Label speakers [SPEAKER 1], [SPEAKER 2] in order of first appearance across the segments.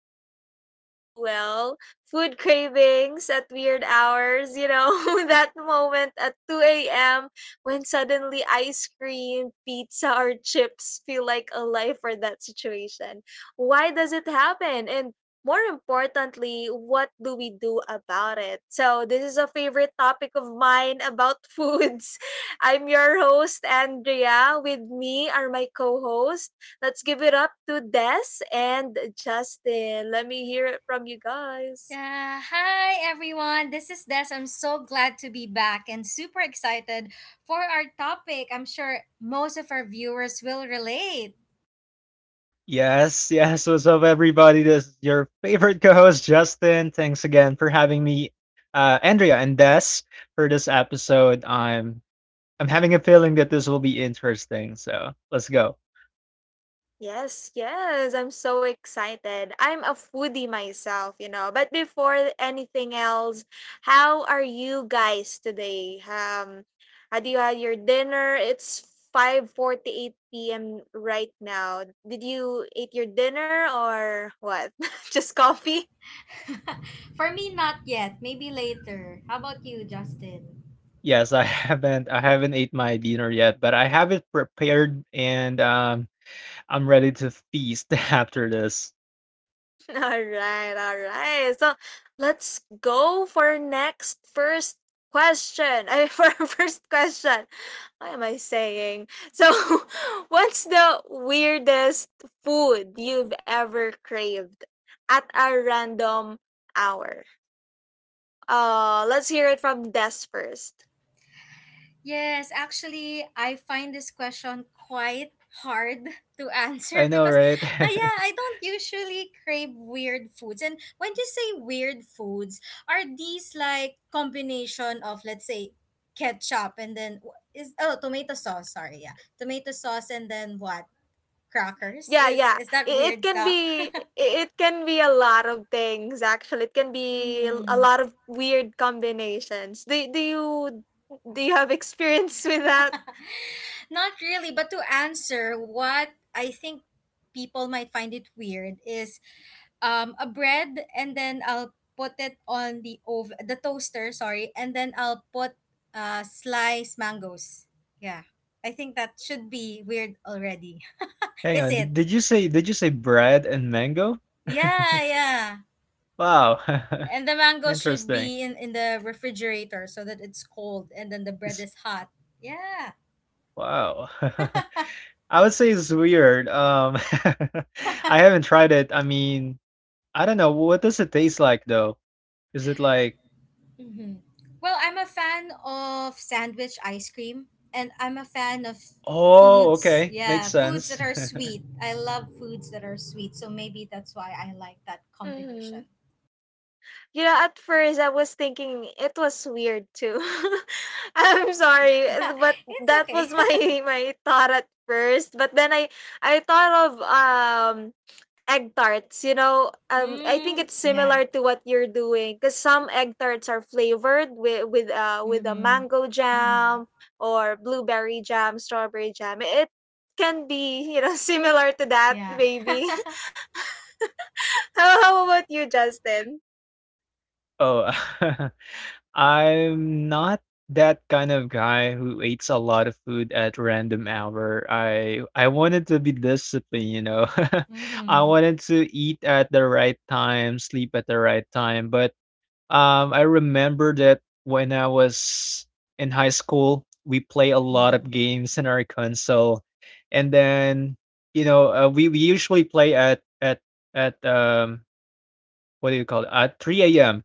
[SPEAKER 1] we all know too well, food cravings at weird hours, that moment at 2 a.m. when suddenly ice cream, pizza or chips feel like a life or that situation. Why does it happen? And more importantly, what do we do about it? So, this is a favorite topic of mine about foods. I'm your host, Andrea. With me are my co host. Let's give it up to Des and Justin. Let me hear it from you guys.
[SPEAKER 2] Yeah, hi everyone. This is Des. I'm so glad to be back and super excited for our topic. I'm sure most of our viewers will relate.
[SPEAKER 3] Yes, yes. What's up, everybody? This is your favorite co-host, Justin. Thanks again for having me, Andrea and Des, for this episode. I'm having a feeling that this will be interesting. So let's go.
[SPEAKER 1] Yes, yes. I'm so excited. I'm a foodie myself, But before anything else, how are you guys today? Had you had your dinner? It's 5:48 p.m. right now. Did you eat your dinner or what? Just coffee?
[SPEAKER 2] for me, not yet. Maybe later. How about you, Justin?
[SPEAKER 3] Yes, I haven't I haven't ate my dinner yet, but I have it prepared and I'm ready to feast after this.
[SPEAKER 1] All right, all right. So let's go for next first question. I mean, for our first question. What am I saying? So, what's the weirdest food you've ever craved at a random hour? Let's hear it from Des first.
[SPEAKER 2] Yes, actually, I find this question quite hard to
[SPEAKER 3] I
[SPEAKER 2] answer
[SPEAKER 3] know,
[SPEAKER 2] because,
[SPEAKER 3] right?
[SPEAKER 2] yeah, I don't usually crave weird foods. And when you say weird foods, are these like combination of, let's say, ketchup and then wh- is oh tomato sauce? Sorry, yeah, tomato sauce and then what? Crackers?
[SPEAKER 1] Yeah,
[SPEAKER 2] Is
[SPEAKER 1] yeah.
[SPEAKER 2] is that
[SPEAKER 1] It
[SPEAKER 2] weird
[SPEAKER 1] can
[SPEAKER 2] stuff?
[SPEAKER 1] be it can be a lot of things, actually. It can be a
[SPEAKER 2] Mm-hmm.
[SPEAKER 1] lot of weird combinations. Do do you have experience with that?
[SPEAKER 2] Not really, but to answer what I think people might find it weird is a bread and then I'll put it on the the toaster, sorry, and then I'll put sliced mangoes. Yeah. I think that should be weird already.
[SPEAKER 3] Hang
[SPEAKER 2] Is
[SPEAKER 3] on. Did,
[SPEAKER 2] it?
[SPEAKER 3] did you say bread and mango?
[SPEAKER 2] Yeah, yeah.
[SPEAKER 3] Wow,
[SPEAKER 2] And the mango should
[SPEAKER 3] interesting.
[SPEAKER 2] be in the refrigerator so that it's cold and then the bread
[SPEAKER 3] It's-
[SPEAKER 2] is hot. Yeah.
[SPEAKER 3] Wow. I would say it's weird. I haven't tried it. I mean, I don't know. What does it taste like though? Is it like,
[SPEAKER 2] Mm-hmm. Well, I'm a fan of sandwich ice cream, and I'm a fan of
[SPEAKER 3] oh,
[SPEAKER 2] foods.
[SPEAKER 3] okay, makes
[SPEAKER 2] Yeah, foods
[SPEAKER 3] sense.
[SPEAKER 2] that are sweet. I love foods that are sweet, so maybe that's why I like that combination.
[SPEAKER 1] You know, at first I was thinking it was weird too. I'm sorry, but
[SPEAKER 2] it's
[SPEAKER 1] that
[SPEAKER 2] okay.
[SPEAKER 1] was my my thought at first. But then I thought of egg tarts. You know, I think
[SPEAKER 2] mm,
[SPEAKER 1] it's
[SPEAKER 2] yeah.
[SPEAKER 1] similar to what you're doing because some egg tarts are flavored with with a
[SPEAKER 2] Mm-hmm.
[SPEAKER 1] mango
[SPEAKER 2] Mm-hmm.
[SPEAKER 1] jam or blueberry jam, strawberry jam. It can be similar to that
[SPEAKER 2] Yeah.
[SPEAKER 1] maybe. How about you, Justin?
[SPEAKER 3] Oh, I'm not that kind of guy who eats a lot of food at random hour. I wanted to be disciplined. I
[SPEAKER 2] Mm-hmm.
[SPEAKER 3] wanted to eat at the right time, sleep at the right time, but I remember that when I was in high school, we play a lot of
[SPEAKER 2] Mm-hmm.
[SPEAKER 3] games in our console, and then we usually play at what do you call it at 3 a.m.,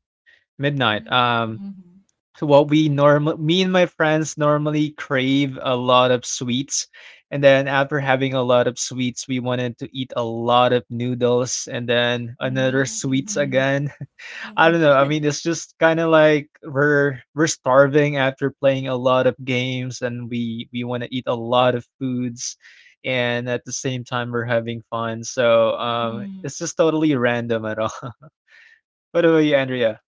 [SPEAKER 3] midnight. Um,
[SPEAKER 2] Mm-hmm.
[SPEAKER 3] so what we normal me and my friends normally crave a lot of sweets, and then after having a lot of sweets, we wanted to eat a lot of noodles and then another
[SPEAKER 2] Mm-hmm.
[SPEAKER 3] sweets
[SPEAKER 2] Mm-hmm.
[SPEAKER 3] again. I don't know.
[SPEAKER 2] Mm-hmm.
[SPEAKER 3] I mean, it's just kind of like we're starving after playing a lot of games, and we want to eat a lot of foods, and at the same time we're having fun. So
[SPEAKER 2] Mm-hmm.
[SPEAKER 3] it's just totally random at all. What about you, Andrea?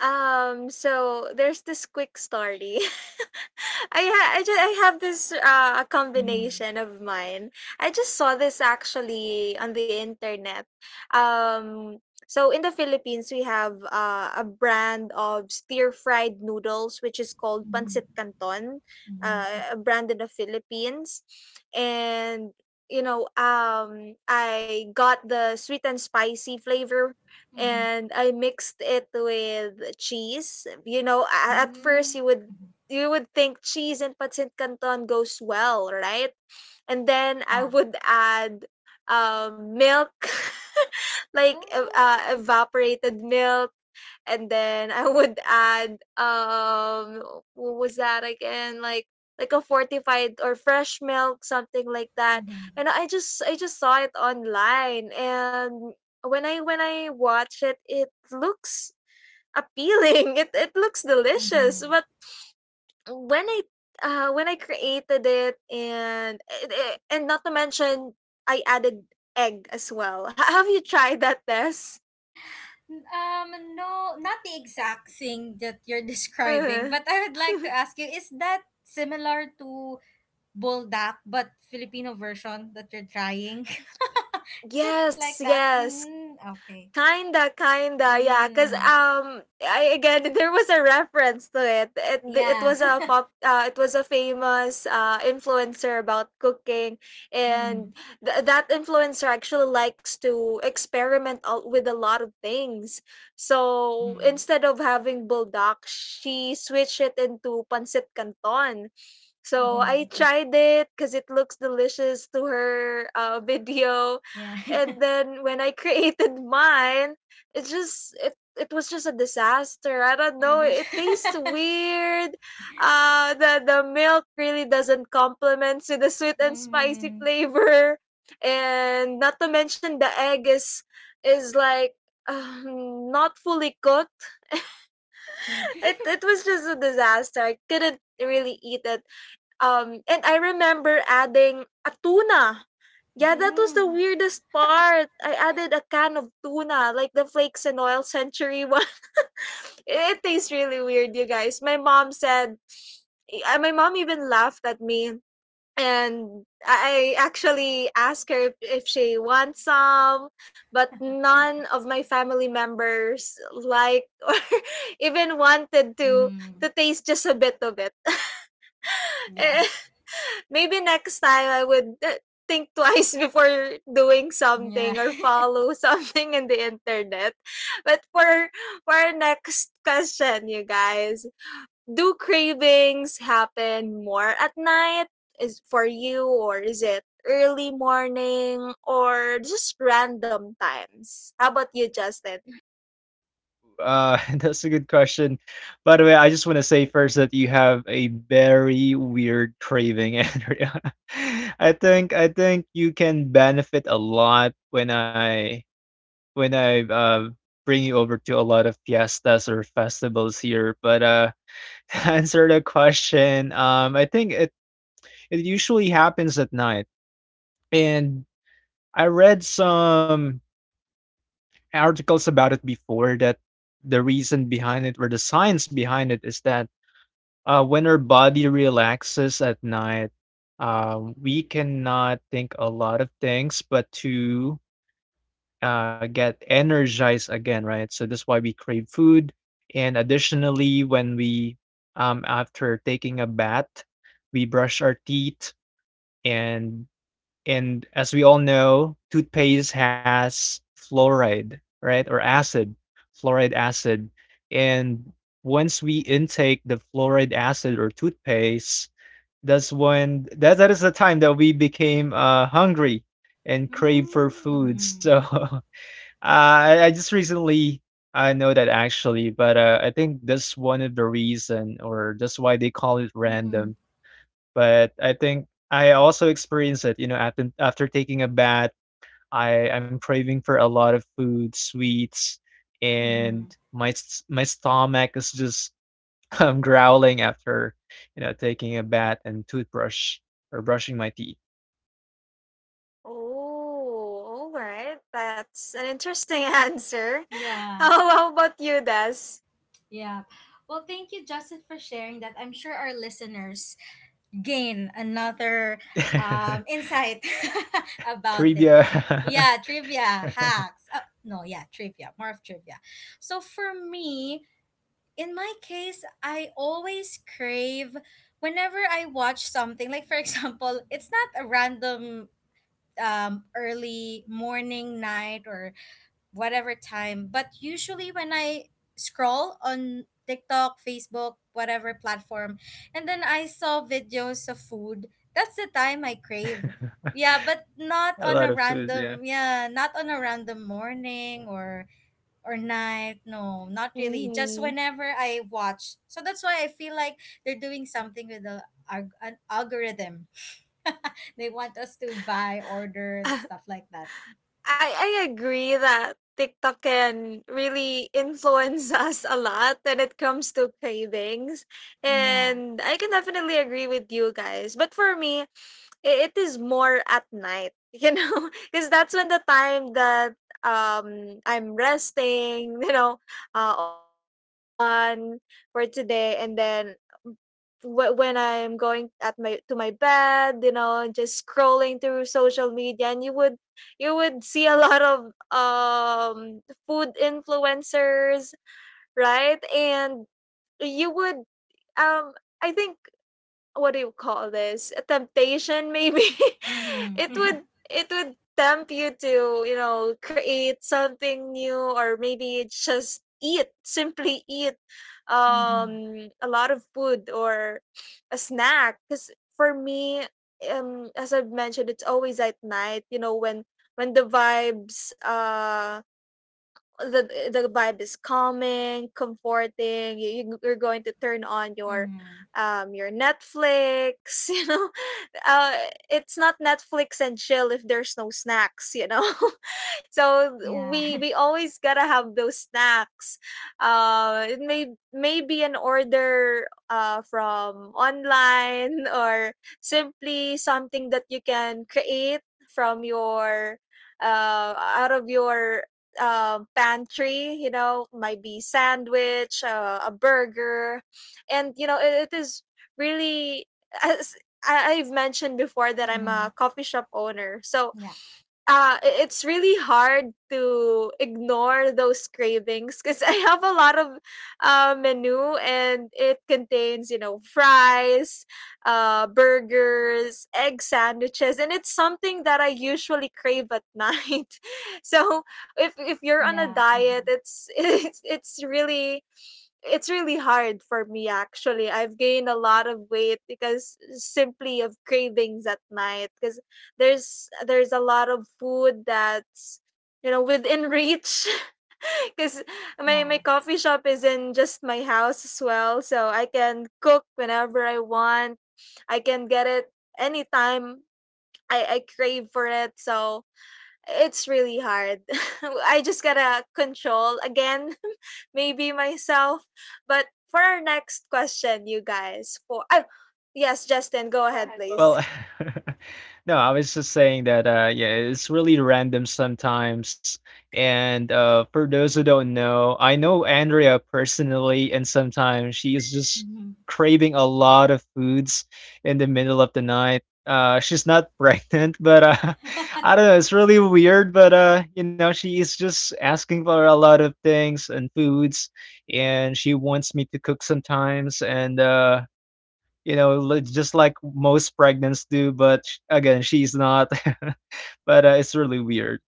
[SPEAKER 1] So there's this quick story. I ha- I just I have this combination of mine. I just saw this actually on the internet. Um so in the Philippines we have a brand of stir fried noodles which is called pancit canton, a
[SPEAKER 2] Mm-hmm.
[SPEAKER 1] brand in the Philippines. And you know, I got the sweet and spicy flavor
[SPEAKER 2] Mm-hmm.
[SPEAKER 1] and I mixed it with cheese. You know, at
[SPEAKER 2] Mm-hmm.
[SPEAKER 1] first you would think cheese and pancit canton goes well, right? And then I
[SPEAKER 2] Yeah.
[SPEAKER 1] would add milk, like evaporated milk, and then I would add what was that again? Like a fortified or fresh milk, something like that.
[SPEAKER 2] Mm-hmm.
[SPEAKER 1] And I just saw it online, and when I watch it, it looks appealing. It looks delicious,
[SPEAKER 2] Mhm.
[SPEAKER 1] but when I created it, and not to mention I added egg as well. Have you tried that, Tess?
[SPEAKER 2] No, not the exact thing that you're describing,
[SPEAKER 1] Uh,
[SPEAKER 2] but I would like to ask you, is that similar to Buldak, but Filipino version that you're trying? is it like
[SPEAKER 1] yes,
[SPEAKER 2] that?
[SPEAKER 1] yes.
[SPEAKER 2] Mm, okay.
[SPEAKER 1] Kinda, kinda, yeah, 'cause,
[SPEAKER 2] Mm,
[SPEAKER 1] I again, there was a reference to it. It
[SPEAKER 2] yeah.
[SPEAKER 1] was a pop it was a famous, influencer about cooking,
[SPEAKER 2] mm-hmm.
[SPEAKER 1] and that influencer actually likes to experiment a with a lot of things. So,
[SPEAKER 2] Mm-hmm.
[SPEAKER 1] instead of having buldak, she switched it into pancit canton. So I
[SPEAKER 2] Mm-hmm.
[SPEAKER 1] tried it because it looks delicious to her video,
[SPEAKER 2] Yeah.
[SPEAKER 1] and then when I created mine, it just it was just a disaster. I don't know.
[SPEAKER 2] mm-hmm.
[SPEAKER 1] It tastes weird. The milk really doesn't complement to the sweet and spicy
[SPEAKER 2] mm-hmm.
[SPEAKER 1] flavor, and not to mention the egg is like not fully cooked.
[SPEAKER 2] Mm-hmm.
[SPEAKER 1] It was just a disaster. I couldn't really eat it, and I remember adding a tuna. Yeah, that was the weirdest part. I added a can of tuna, like the flakes and oil century one. it tastes really weird, you guys. My mom said, my mom even laughed at me. And I actually asked her if she wants some, but none of my family members like or even wanted
[SPEAKER 2] Mm-hmm.
[SPEAKER 1] to taste just a bit of it.
[SPEAKER 2] Yeah.
[SPEAKER 1] Maybe next time I would think twice before doing
[SPEAKER 2] Yeah.
[SPEAKER 1] something or follow something in the internet. But for our next question, you guys, do cravings happen more at night? Is for you or is it early morning or just random times? How about you, Justin?
[SPEAKER 3] That's a good question. By the way, I just want to say first that you have a very weird craving, Andrea. I think you can benefit a lot when I when I uh, bring you over to a lot of fiestas or festivals here. But to answer the question, I think it usually happens at night, and I read some articles about it before that the reason behind it or the science behind it is that when our body relaxes at night, we cannot think a lot of things, but to get energized again, right? So that's why we crave food. And additionally, after taking a bath, we brush our teeth, and and as we all know, toothpaste has fluoride, right, or acid, fluoride acid, and once we intake the fluoride acid or toothpaste, that's when that is the time that we became hungry and crave for food.
[SPEAKER 2] Mm-hmm.
[SPEAKER 3] So I just recently I know that actually, but I think that's one of the reason, or that's why they call it
[SPEAKER 2] Mm-hmm.
[SPEAKER 3] random. But I think I also experience it. After taking a bath, I'm craving for a lot of food, sweets,
[SPEAKER 2] Mm-hmm.
[SPEAKER 3] and my stomach is just growling after taking a bath and toothbrush or brushing my teeth.
[SPEAKER 1] Oh, all right. That's an interesting answer.
[SPEAKER 2] Yeah.
[SPEAKER 1] How about you, Des?
[SPEAKER 2] Yeah. Well, thank you, Justin, for sharing that. I'm sure our listeners gain another insight about it.
[SPEAKER 3] Trivia,
[SPEAKER 2] Yeah, trivia, hacks. Oh, no, yeah, trivia, more of trivia. So for me, in my case, I always crave whenever I watch something, like for example, it's not a random um early morning, night, or whatever time. But usually when I scroll on TikTok, Facebook, whatever platform, and then I saw videos of food, that's the time I crave. Yeah, but not
[SPEAKER 3] a
[SPEAKER 2] on a
[SPEAKER 3] lot of food, yeah.
[SPEAKER 2] random morning or night. No, not really. Just
[SPEAKER 1] Mm-hmm.
[SPEAKER 2] whenever I watch. So that's why I feel like they're doing something with the an algorithm. They want us to buy, order, stuff like that.
[SPEAKER 1] I agree that TikTok can really influence us a lot when it comes to cravings.
[SPEAKER 2] Yeah.
[SPEAKER 1] And I can definitely agree with you guys. But for me, I it is more at night, you know, because that's when the time that, I'm resting, you know, all the work's done for today, and then w when I'm going at my to my bed, you know, just scrolling through social media, and you would see a lot of, food influencers, right? And you would, um, I think, what do you call this? A temptation maybe. it
[SPEAKER 2] Mm-hmm.
[SPEAKER 1] would it would tempt you to, you know, create something new or maybe just eat, simply eat
[SPEAKER 2] mm-hmm.
[SPEAKER 1] a lot of food or a snack cuz for me, as I've mentioned, it's always at night, you know, when the vibes the the vibe is calming, comforting. You're going to turn on
[SPEAKER 2] Mm-hmm.
[SPEAKER 1] your Netflix, you know. Uh it's not Netflix and chill if there's no snacks, you know. so
[SPEAKER 2] Yeah.
[SPEAKER 1] we we always got to have those snacks. It may Maybe an order from online or simply something that you can create from your out of your pantry, you know, might be sandwich, a burger, and you know it is really, as I've mentioned before, that I'm
[SPEAKER 2] mm-hmm.
[SPEAKER 1] a coffee shop owner, so
[SPEAKER 2] Yeah.
[SPEAKER 1] it's really hard to ignore those cravings because I have a lot of menu and it contains, you know, fries, burgers, egg sandwiches, and it's something that I usually crave at night. so if you're on a
[SPEAKER 2] Yeah.
[SPEAKER 1] diet,
[SPEAKER 2] Mm-hmm.
[SPEAKER 1] it's it's really hard for me actually. I've gained a lot of weight because simply of cravings at night because there's a lot of food that's you know within reach because my
[SPEAKER 2] Yeah.
[SPEAKER 1] coffee shop is in just my house as well, so I can cook whenever I want. I can get it anytime I crave for it. So it's really hard. I just gotta control again, maybe myself. But for our next question, you guys, for oh, yes, Justin, go ahead, please.
[SPEAKER 3] Well,
[SPEAKER 1] Okay.
[SPEAKER 3] no, I was just saying that yeah, it's really random sometimes. And for those who don't know, I know Andrea personally and sometimes she is just
[SPEAKER 2] Mm-hmm.
[SPEAKER 3] craving a lot of foods in the middle of the night. She's not pregnant, but I don't know, it's really weird, but she is just asking for a lot of things and foods and she wants me to cook sometimes and just like most pregnants do. But again, she's not. But it's really weird,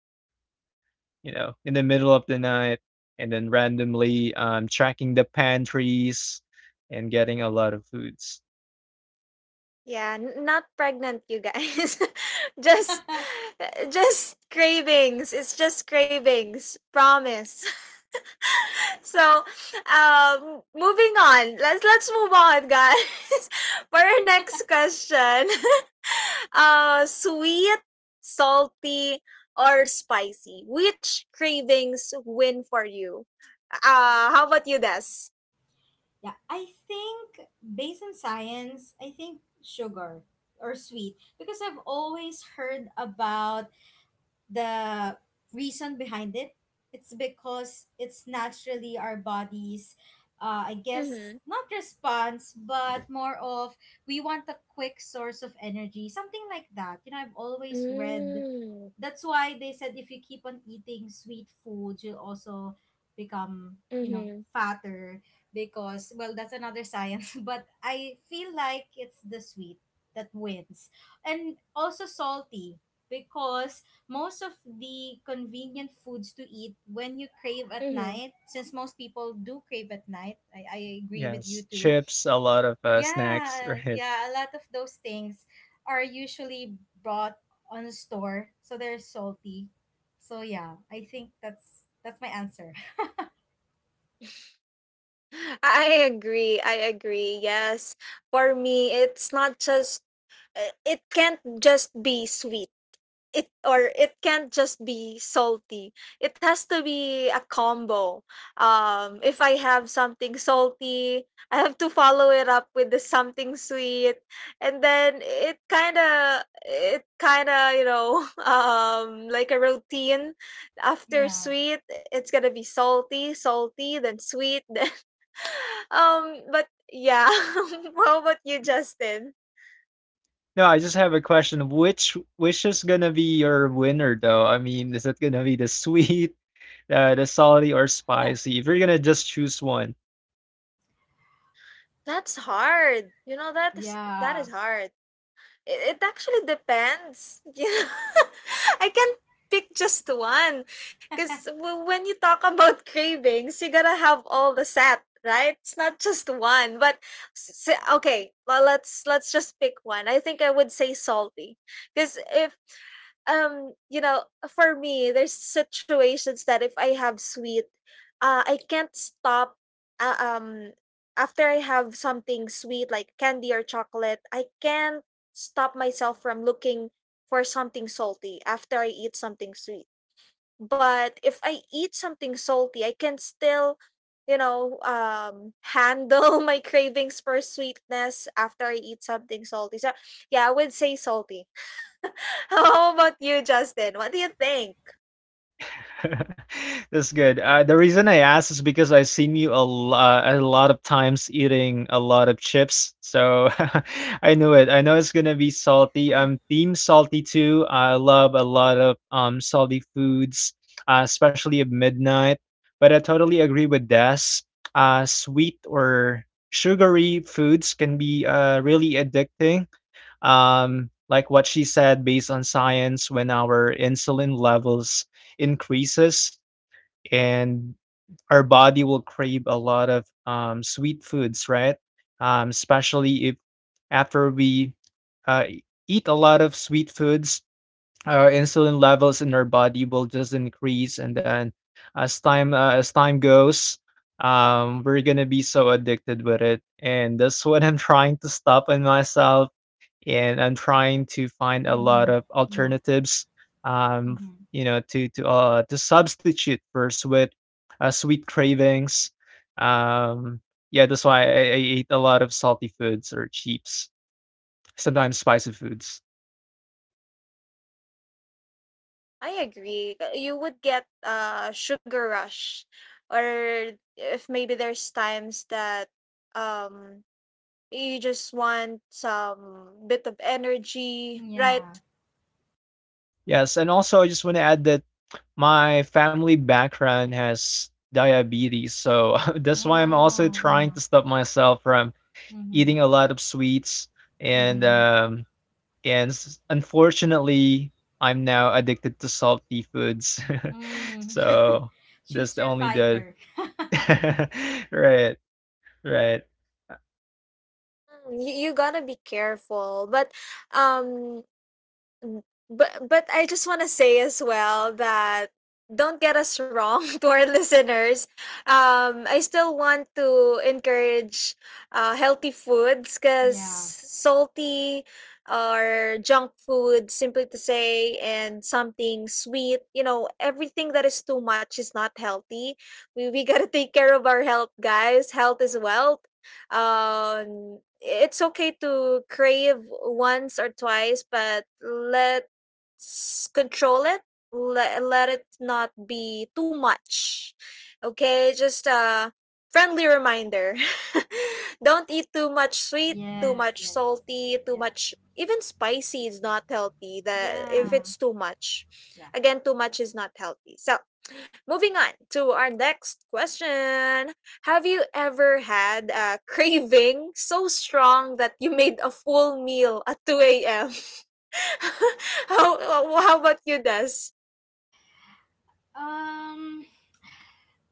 [SPEAKER 3] in the middle of the night and then randomly tracking the pantries and getting a lot of foods.
[SPEAKER 1] Yeah, not pregnant, you guys. just, just cravings. It's just cravings. Promise. So, moving on. Let's move on, guys. for our next question, sweet, salty, or spicy? Which cravings win for you? How about you, Des?
[SPEAKER 2] yeah. I think based on science, I think sugar or sweet because I've always heard about the reason behind it. It's because it's naturally our bodies. I guess
[SPEAKER 1] Mm-hmm.
[SPEAKER 2] not response, but more of we want a quick source of energy, something like that. You know, I've always read
[SPEAKER 1] Mm-hmm.
[SPEAKER 2] that's why they said if you keep on eating sweet foods, you'll also become, you know,
[SPEAKER 1] Mm-hmm.
[SPEAKER 2] fatter because well that's another science. but I feel like it's the sweet that wins, and also salty because most of the convenient foods to eat when you crave at
[SPEAKER 1] Mm-hmm.
[SPEAKER 2] night, since most people do crave at night, I agree with you
[SPEAKER 3] Yes,
[SPEAKER 2] too.
[SPEAKER 3] chips, a lot of snacks.
[SPEAKER 2] Yeah,
[SPEAKER 3] Right.
[SPEAKER 2] yeah, a lot of those things are usually bought on a store, so they're salty. So yeah, I think that's my answer.
[SPEAKER 1] I agree. I agree. Yes. For me, it's not just it can't just be sweet. It or it can't just be salty. It has to be a combo. If I have something salty, I have to follow it up with the something sweet, and then it kind of you know like a routine. After
[SPEAKER 2] Yeah.
[SPEAKER 1] sweet, it's gonna be salty, salty, then sweet. But yeah, how about you, Justin?
[SPEAKER 3] No, I just have a question. Which is gonna be your winner though? I mean, is it gonna be the sweet, the salty, or spicy? If you're gonna just choose one.
[SPEAKER 1] That's hard. You know that
[SPEAKER 2] yeah.
[SPEAKER 1] is hard. It actually depends. Yeah. I can't pick just one because when you talk about cravings, you gotta have all the set, right? It's not just one. But okay, well, let's just pick one. I think I would say salty because if you know for me there's situations that if I have sweet I can't stop uh, um after I have something sweet like candy or chocolate I can't stop myself from looking for something salty after I eat something sweet. But if I eat something salty, I can still, you know, handle my cravings for sweetness after I eat something salty. So, yeah, I would say salty. How about you, Justin? What do you think?
[SPEAKER 3] That's good. The reason I asked is because I've seen you a lot of times eating a lot of chips. So I knew it. I know it's gonna be salty. I'm team salty too. I love a lot of salty foods, especially at midnight. But I totally agree with Des. Sweet or sugary foods can be really addicting, like what she said, based on science, when our insulin levels increases and our body will crave a lot of sweet foods, right? Especially if after we eat a lot of sweet foods, our insulin levels in our body will just increase, and then as time goes, we're gonna be so addicted with it, and that's what I'm trying to stop in myself and I'm trying to find a lot
[SPEAKER 2] Mhm.
[SPEAKER 3] of
[SPEAKER 2] Yeah.
[SPEAKER 3] alternatives, um,
[SPEAKER 2] Mhm.
[SPEAKER 3] to substitute for sweet cravings. Um, yeah, that's why I eat a lot of salty foods or chips, sometimes spicy foods.
[SPEAKER 1] I agree. You would get a sugar rush, or if maybe there's times that um you just want some bit of energy, right?
[SPEAKER 2] Yeah.
[SPEAKER 3] Yes, and also I just want to add that my family background has diabetes, so that's why I'm also
[SPEAKER 2] Oh,
[SPEAKER 3] trying to
[SPEAKER 2] yeah.
[SPEAKER 3] stop myself from
[SPEAKER 2] Mhm.
[SPEAKER 3] eating a lot of sweets and
[SPEAKER 2] Mhm.
[SPEAKER 3] and unfortunately, I'm now addicted to salty foods.
[SPEAKER 2] Mm.
[SPEAKER 3] So that's
[SPEAKER 2] Choose
[SPEAKER 3] the
[SPEAKER 2] your
[SPEAKER 3] only the
[SPEAKER 2] fighter.
[SPEAKER 3] right, right. Uh,
[SPEAKER 1] Mm. You gotta be careful. But um Mm, but I just want to say as well that don't get us wrong to our listeners. I still want to encourage healthy foods because
[SPEAKER 2] Yeah.
[SPEAKER 1] salty or junk food, simply to say, and something sweet, you know, everything that is too much is not healthy. We got to take care of our health, guys. Health is wealth. It's okay to crave once or twice, but let's control it. Let it not be too much. Okay, just a friendly reminder. Don't eat too much sweet, too
[SPEAKER 2] Yes,
[SPEAKER 1] much
[SPEAKER 2] yes.
[SPEAKER 1] salty, too
[SPEAKER 2] Yeah.
[SPEAKER 1] much, even spicy is not healthy. That if
[SPEAKER 2] Yeah.
[SPEAKER 1] it's too much,
[SPEAKER 2] Yeah.
[SPEAKER 1] again, too much is not healthy. So moving on to our next question. Have you ever had a craving so strong that you made a full meal at 2 a.m.? how, how about you, Des?
[SPEAKER 2] Um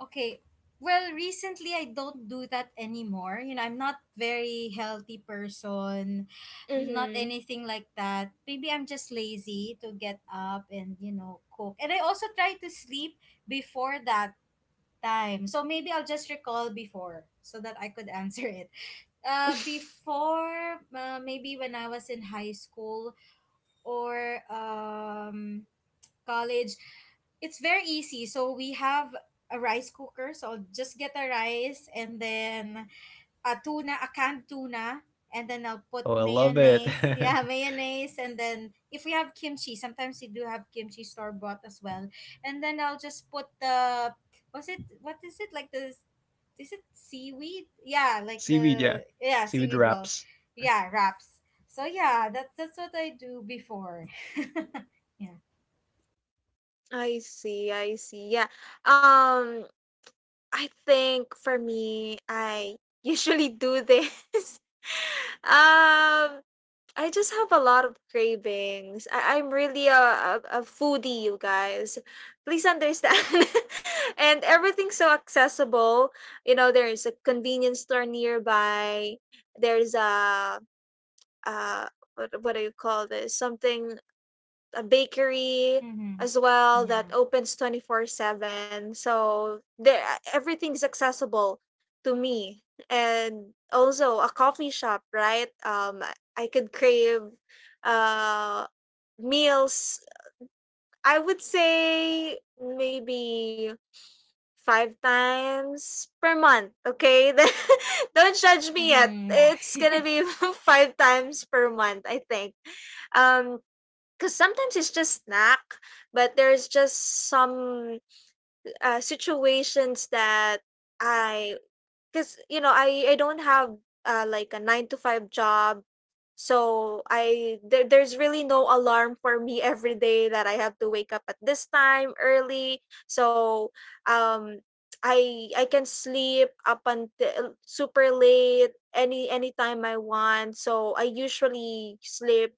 [SPEAKER 2] Okay. Well, recently I don't do that anymore. You know, I'm not very healthy person, not
[SPEAKER 1] Mm-hmm.
[SPEAKER 2] anything like that. Maybe I'm just lazy to get up and, you know, cook. And I also try to sleep before that time. So maybe I'll just recall before so that I could answer it. Before, maybe when I was in high school or college, it's very easy. So we have a rice cooker. So I'll just get a rice and then a tuna, a canned tuna, and then I'll put
[SPEAKER 3] Oh, I love it.
[SPEAKER 2] mayonnaise. Yeah, mayonnaise. And then if we have kimchi, sometimes we do have kimchi store bought as well. And then I'll just put the was it what is it like the is it seaweed? Yeah, like
[SPEAKER 3] Seaweed, yeah.
[SPEAKER 2] the yeah
[SPEAKER 3] Seaweed
[SPEAKER 2] seaweed roll.
[SPEAKER 3] wraps.
[SPEAKER 2] Yeah, wraps. So yeah, that's what I do before. Yeah.
[SPEAKER 1] I see, I see. Yeah. Um, I think for me, I usually do this. um, I just have a lot of cravings. I'm really a foodie, you guys. Please understand. And everything's so accessible. You know, there's a convenience store nearby. There's a, uh, what do you call this? Something, a bakery
[SPEAKER 2] Mm-hmm.
[SPEAKER 1] as well, that
[SPEAKER 2] Yeah.
[SPEAKER 1] opens 24/7. So there, everything's accessible to me. And also a coffee shop, right? I could crave uh meals. I would say maybe five times per month, okay? Don't judge me yet.
[SPEAKER 2] Mm-hmm.
[SPEAKER 1] It's going to
[SPEAKER 2] Yeah.
[SPEAKER 1] be five times per month, I think. Um because sometimes it's just snack, but there's just some situations that I. 'Cause, you know, I don't have, like a 9 to 5 job. So I there there's really no alarm for me every day that I have to wake up at this time early. So, um, I can sleep up until super late anytime I want. So I usually sleep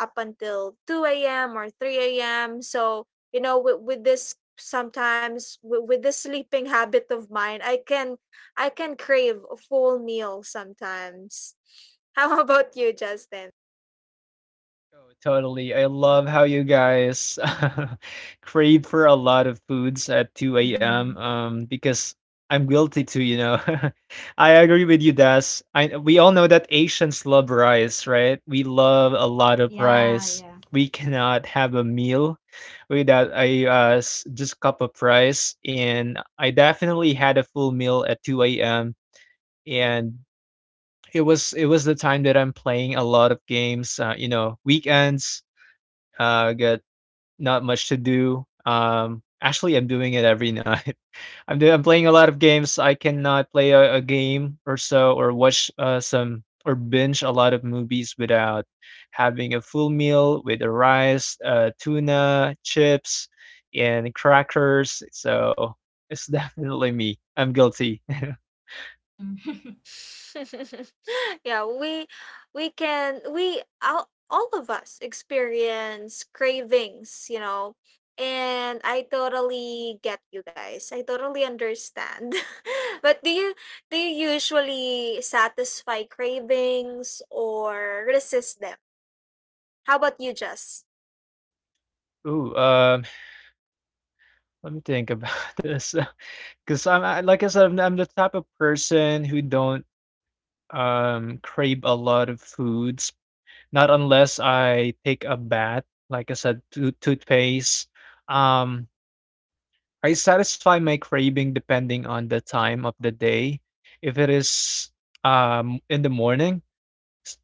[SPEAKER 1] up until 2 a.m. or 3 a.m. So, you know, with this sleeping habit of mine, I can crave a full meal sometimes. How about you, Justin?
[SPEAKER 3] Oh, totally. I love how you guys crave for a lot of foods at 2 a.m.
[SPEAKER 2] mm-hmm.
[SPEAKER 3] Because I'm guilty too. I agree with you, Das. I we all know that Asians love rice, right? We love a lot of
[SPEAKER 2] Yeah.
[SPEAKER 3] rice.
[SPEAKER 2] Yeah.
[SPEAKER 3] We cannot have a meal without a just cup of rice. And I definitely had a full meal at 2 a.m. And it was the time that I'm playing a lot of games. Weekends, got not much to do. Actually, I'm doing it every night. I'm playing a lot of games. I cannot play a game or so, or watch some or binge a lot of movies without having a full meal with a rice, tuna, chips, and crackers. So it's definitely me. I'm guilty.
[SPEAKER 2] Mm-hmm.
[SPEAKER 1] Yeah, we can, all of us experience cravings, you know. And I totally get you guys. I totally understand. But do you usually satisfy cravings or resist them? How about you, Jess?
[SPEAKER 3] Ooh, let me think about this. Because like I said, I'm the type of person who don't crave a lot of foods, not unless I take a bath, like I said, toothpaste. Um, I satisfy my craving depending on the time of the day. If it is in the morning,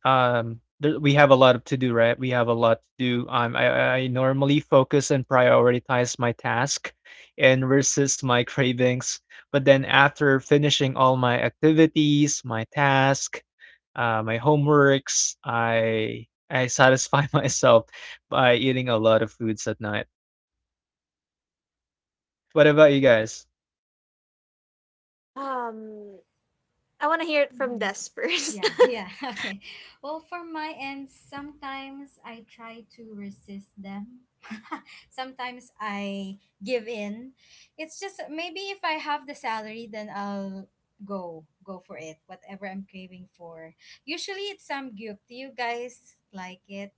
[SPEAKER 3] we have a lot to do. I normally focus and prioritize my task and resist my cravings, but then after finishing all my activities, my task, my homeworks, I satisfy myself by eating a lot of foods at night. What about you guys?
[SPEAKER 1] Um, I want to hear it from
[SPEAKER 2] mm-hmm.
[SPEAKER 1] Des first.
[SPEAKER 2] Yeah. Yeah. Okay. Well, for my end, sometimes I try to resist them. sometimes I give in. It's just maybe if I have the salary, then I'll go for it. Whatever I'm craving for. Usually, it's some goop. Do you guys like it?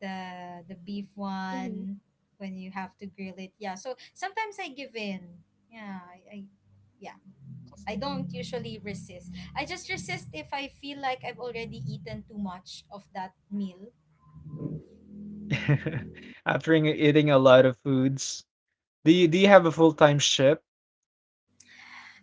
[SPEAKER 2] The beef one when you have to grill it. Yeah, so sometimes I give in. Yeah, I yeah, I don't usually resist. I just resist if I feel like I've already eaten too much of that meal.
[SPEAKER 3] After eating a lot of foods, do you have a full-time shift?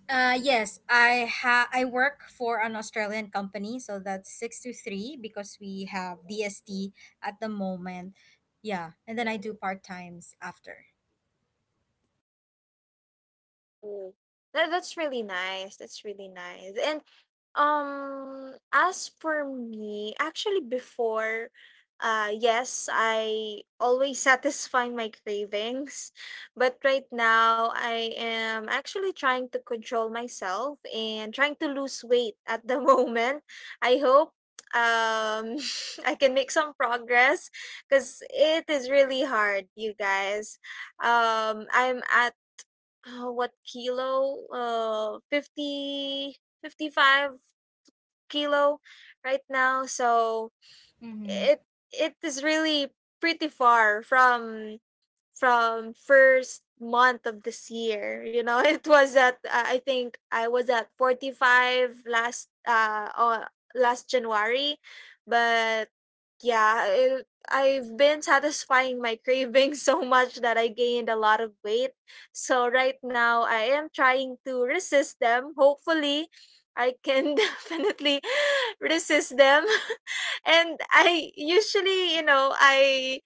[SPEAKER 2] Yes, I work for an Australian company, so that's 6 to 3 because we have DST at the moment. Yeah, and then I do part-times after.
[SPEAKER 1] Ooh, that that's really nice. That's really nice. And as for me, actually before, yes, I always satisfy my cravings, but right now I am actually trying to control myself and trying to lose weight at the moment. I hope um I can make some progress, because it is really hard, you guys. I'm at what kilo 50, 55 kilo right now. So
[SPEAKER 2] Mhm.
[SPEAKER 1] it it is really pretty far from first month of this year, you know. It was at I think I was at 45 last last january. But yeah, I've been satisfying my cravings so much that I gained a lot of weight. So right now I am trying to resist them. Hopefully I can definitely resist them. And I usually, you know, I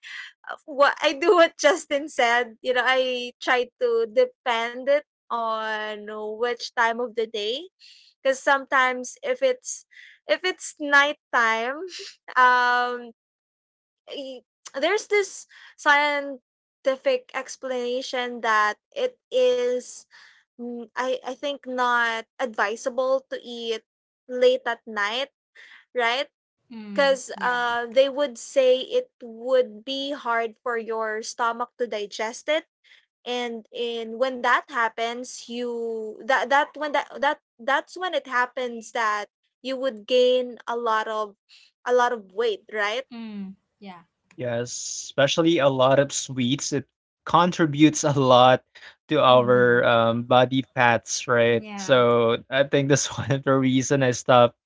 [SPEAKER 1] what I do, what Justin said. You know, I try to depend it on which time of the day, because sometimes if it's nighttime, um, y- there's this scientific explanation that it is, mm, I think not advisable to eat late at night, right?
[SPEAKER 2] Mm,
[SPEAKER 1] Because
[SPEAKER 2] yeah.
[SPEAKER 1] they would say it would be hard for your stomach to digest it, and in when that happens, you that that when that's when it happens that you would gain a lot of, a lot of weight, right?
[SPEAKER 2] Mm, yeah.
[SPEAKER 3] Yes, especially a lot of sweets. It contributes a lot to our
[SPEAKER 2] Mhm.
[SPEAKER 3] body fats, right?
[SPEAKER 2] Yeah.
[SPEAKER 3] So I think that's one of the reason I stopped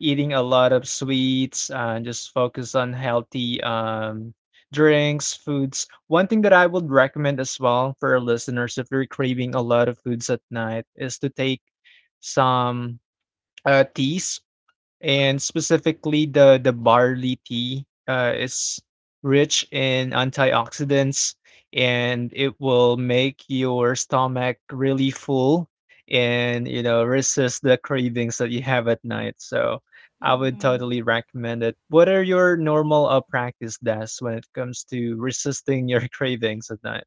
[SPEAKER 3] eating a lot of sweets and just focus on healthy drinks, foods. One thing that I would recommend as well for our listeners, if you're craving a lot of foods at night, is to take some teas, and specifically the barley tea is rich in antioxidants and it will make your stomach really full and resist the cravings that you have at night. So I would
[SPEAKER 2] Mm-hmm.
[SPEAKER 3] totally recommend it. What are your normal practice desks when it comes to resisting your cravings at night?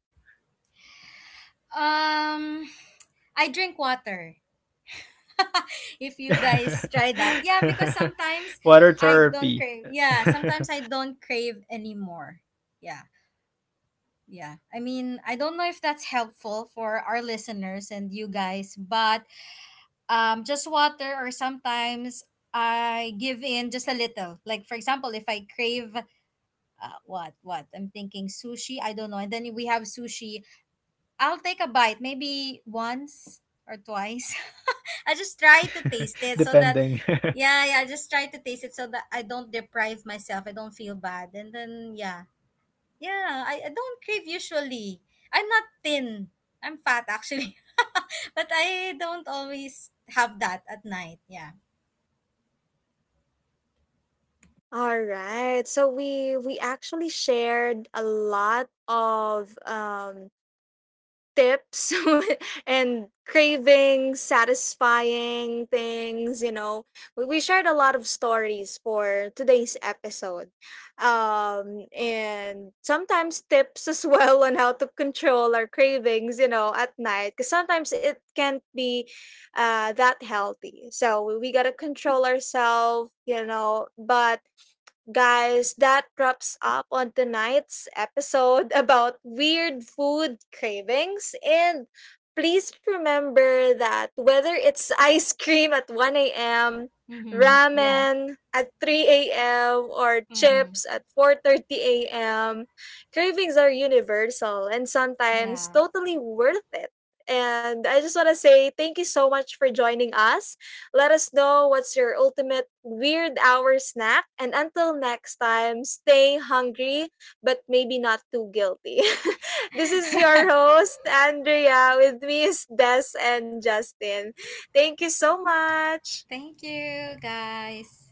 [SPEAKER 2] Um, I drink water. If you guys try that, yeah, because sometimes
[SPEAKER 3] Water
[SPEAKER 2] I don't
[SPEAKER 3] therapy.
[SPEAKER 2] crave. Yeah, sometimes I don't crave anymore. Yeah, yeah. I mean, I don't know if that's helpful for our listeners and you guys, but just water, or sometimes I give in just a little. Like for example, if I crave. What I'm thinking, sushi, I don't know, and then we have sushi. I'll take a bite maybe once or twice. I just try to taste it so that
[SPEAKER 3] Depending.
[SPEAKER 2] yeah, yeah, I just try to taste it so that I don't deprive myself. I don't feel bad. And then yeah. Yeah, I don't crave usually. I'm not thin. I'm fat actually. but I don't always have that at night. Yeah.
[SPEAKER 1] All right, so we actually shared a lot of tips and cravings, satisfying things, you know. We shared a lot of stories for today's episode, and sometimes tips as well on how to control our cravings, you know, at night, because sometimes it can't be that healthy. So we gotta control ourselves, you know, but. Guys, that wraps up on tonight's episode about weird food cravings. And please remember that whether it's ice cream at 1 a.m.,
[SPEAKER 2] Mhm. Yeah.
[SPEAKER 1] ramen at 3 a.m., or
[SPEAKER 2] Mhm.
[SPEAKER 1] chips at 4:30 a.m., cravings are universal and sometimes
[SPEAKER 2] Yeah.
[SPEAKER 1] totally worth it. And I just want to say thank you so much for joining us. Let us know what's your ultimate weird hour snack. And until next time, stay hungry, but maybe not too guilty. This is your host, Andrea. With me is Des and Justin. Thank you so much.
[SPEAKER 2] Thank you guys.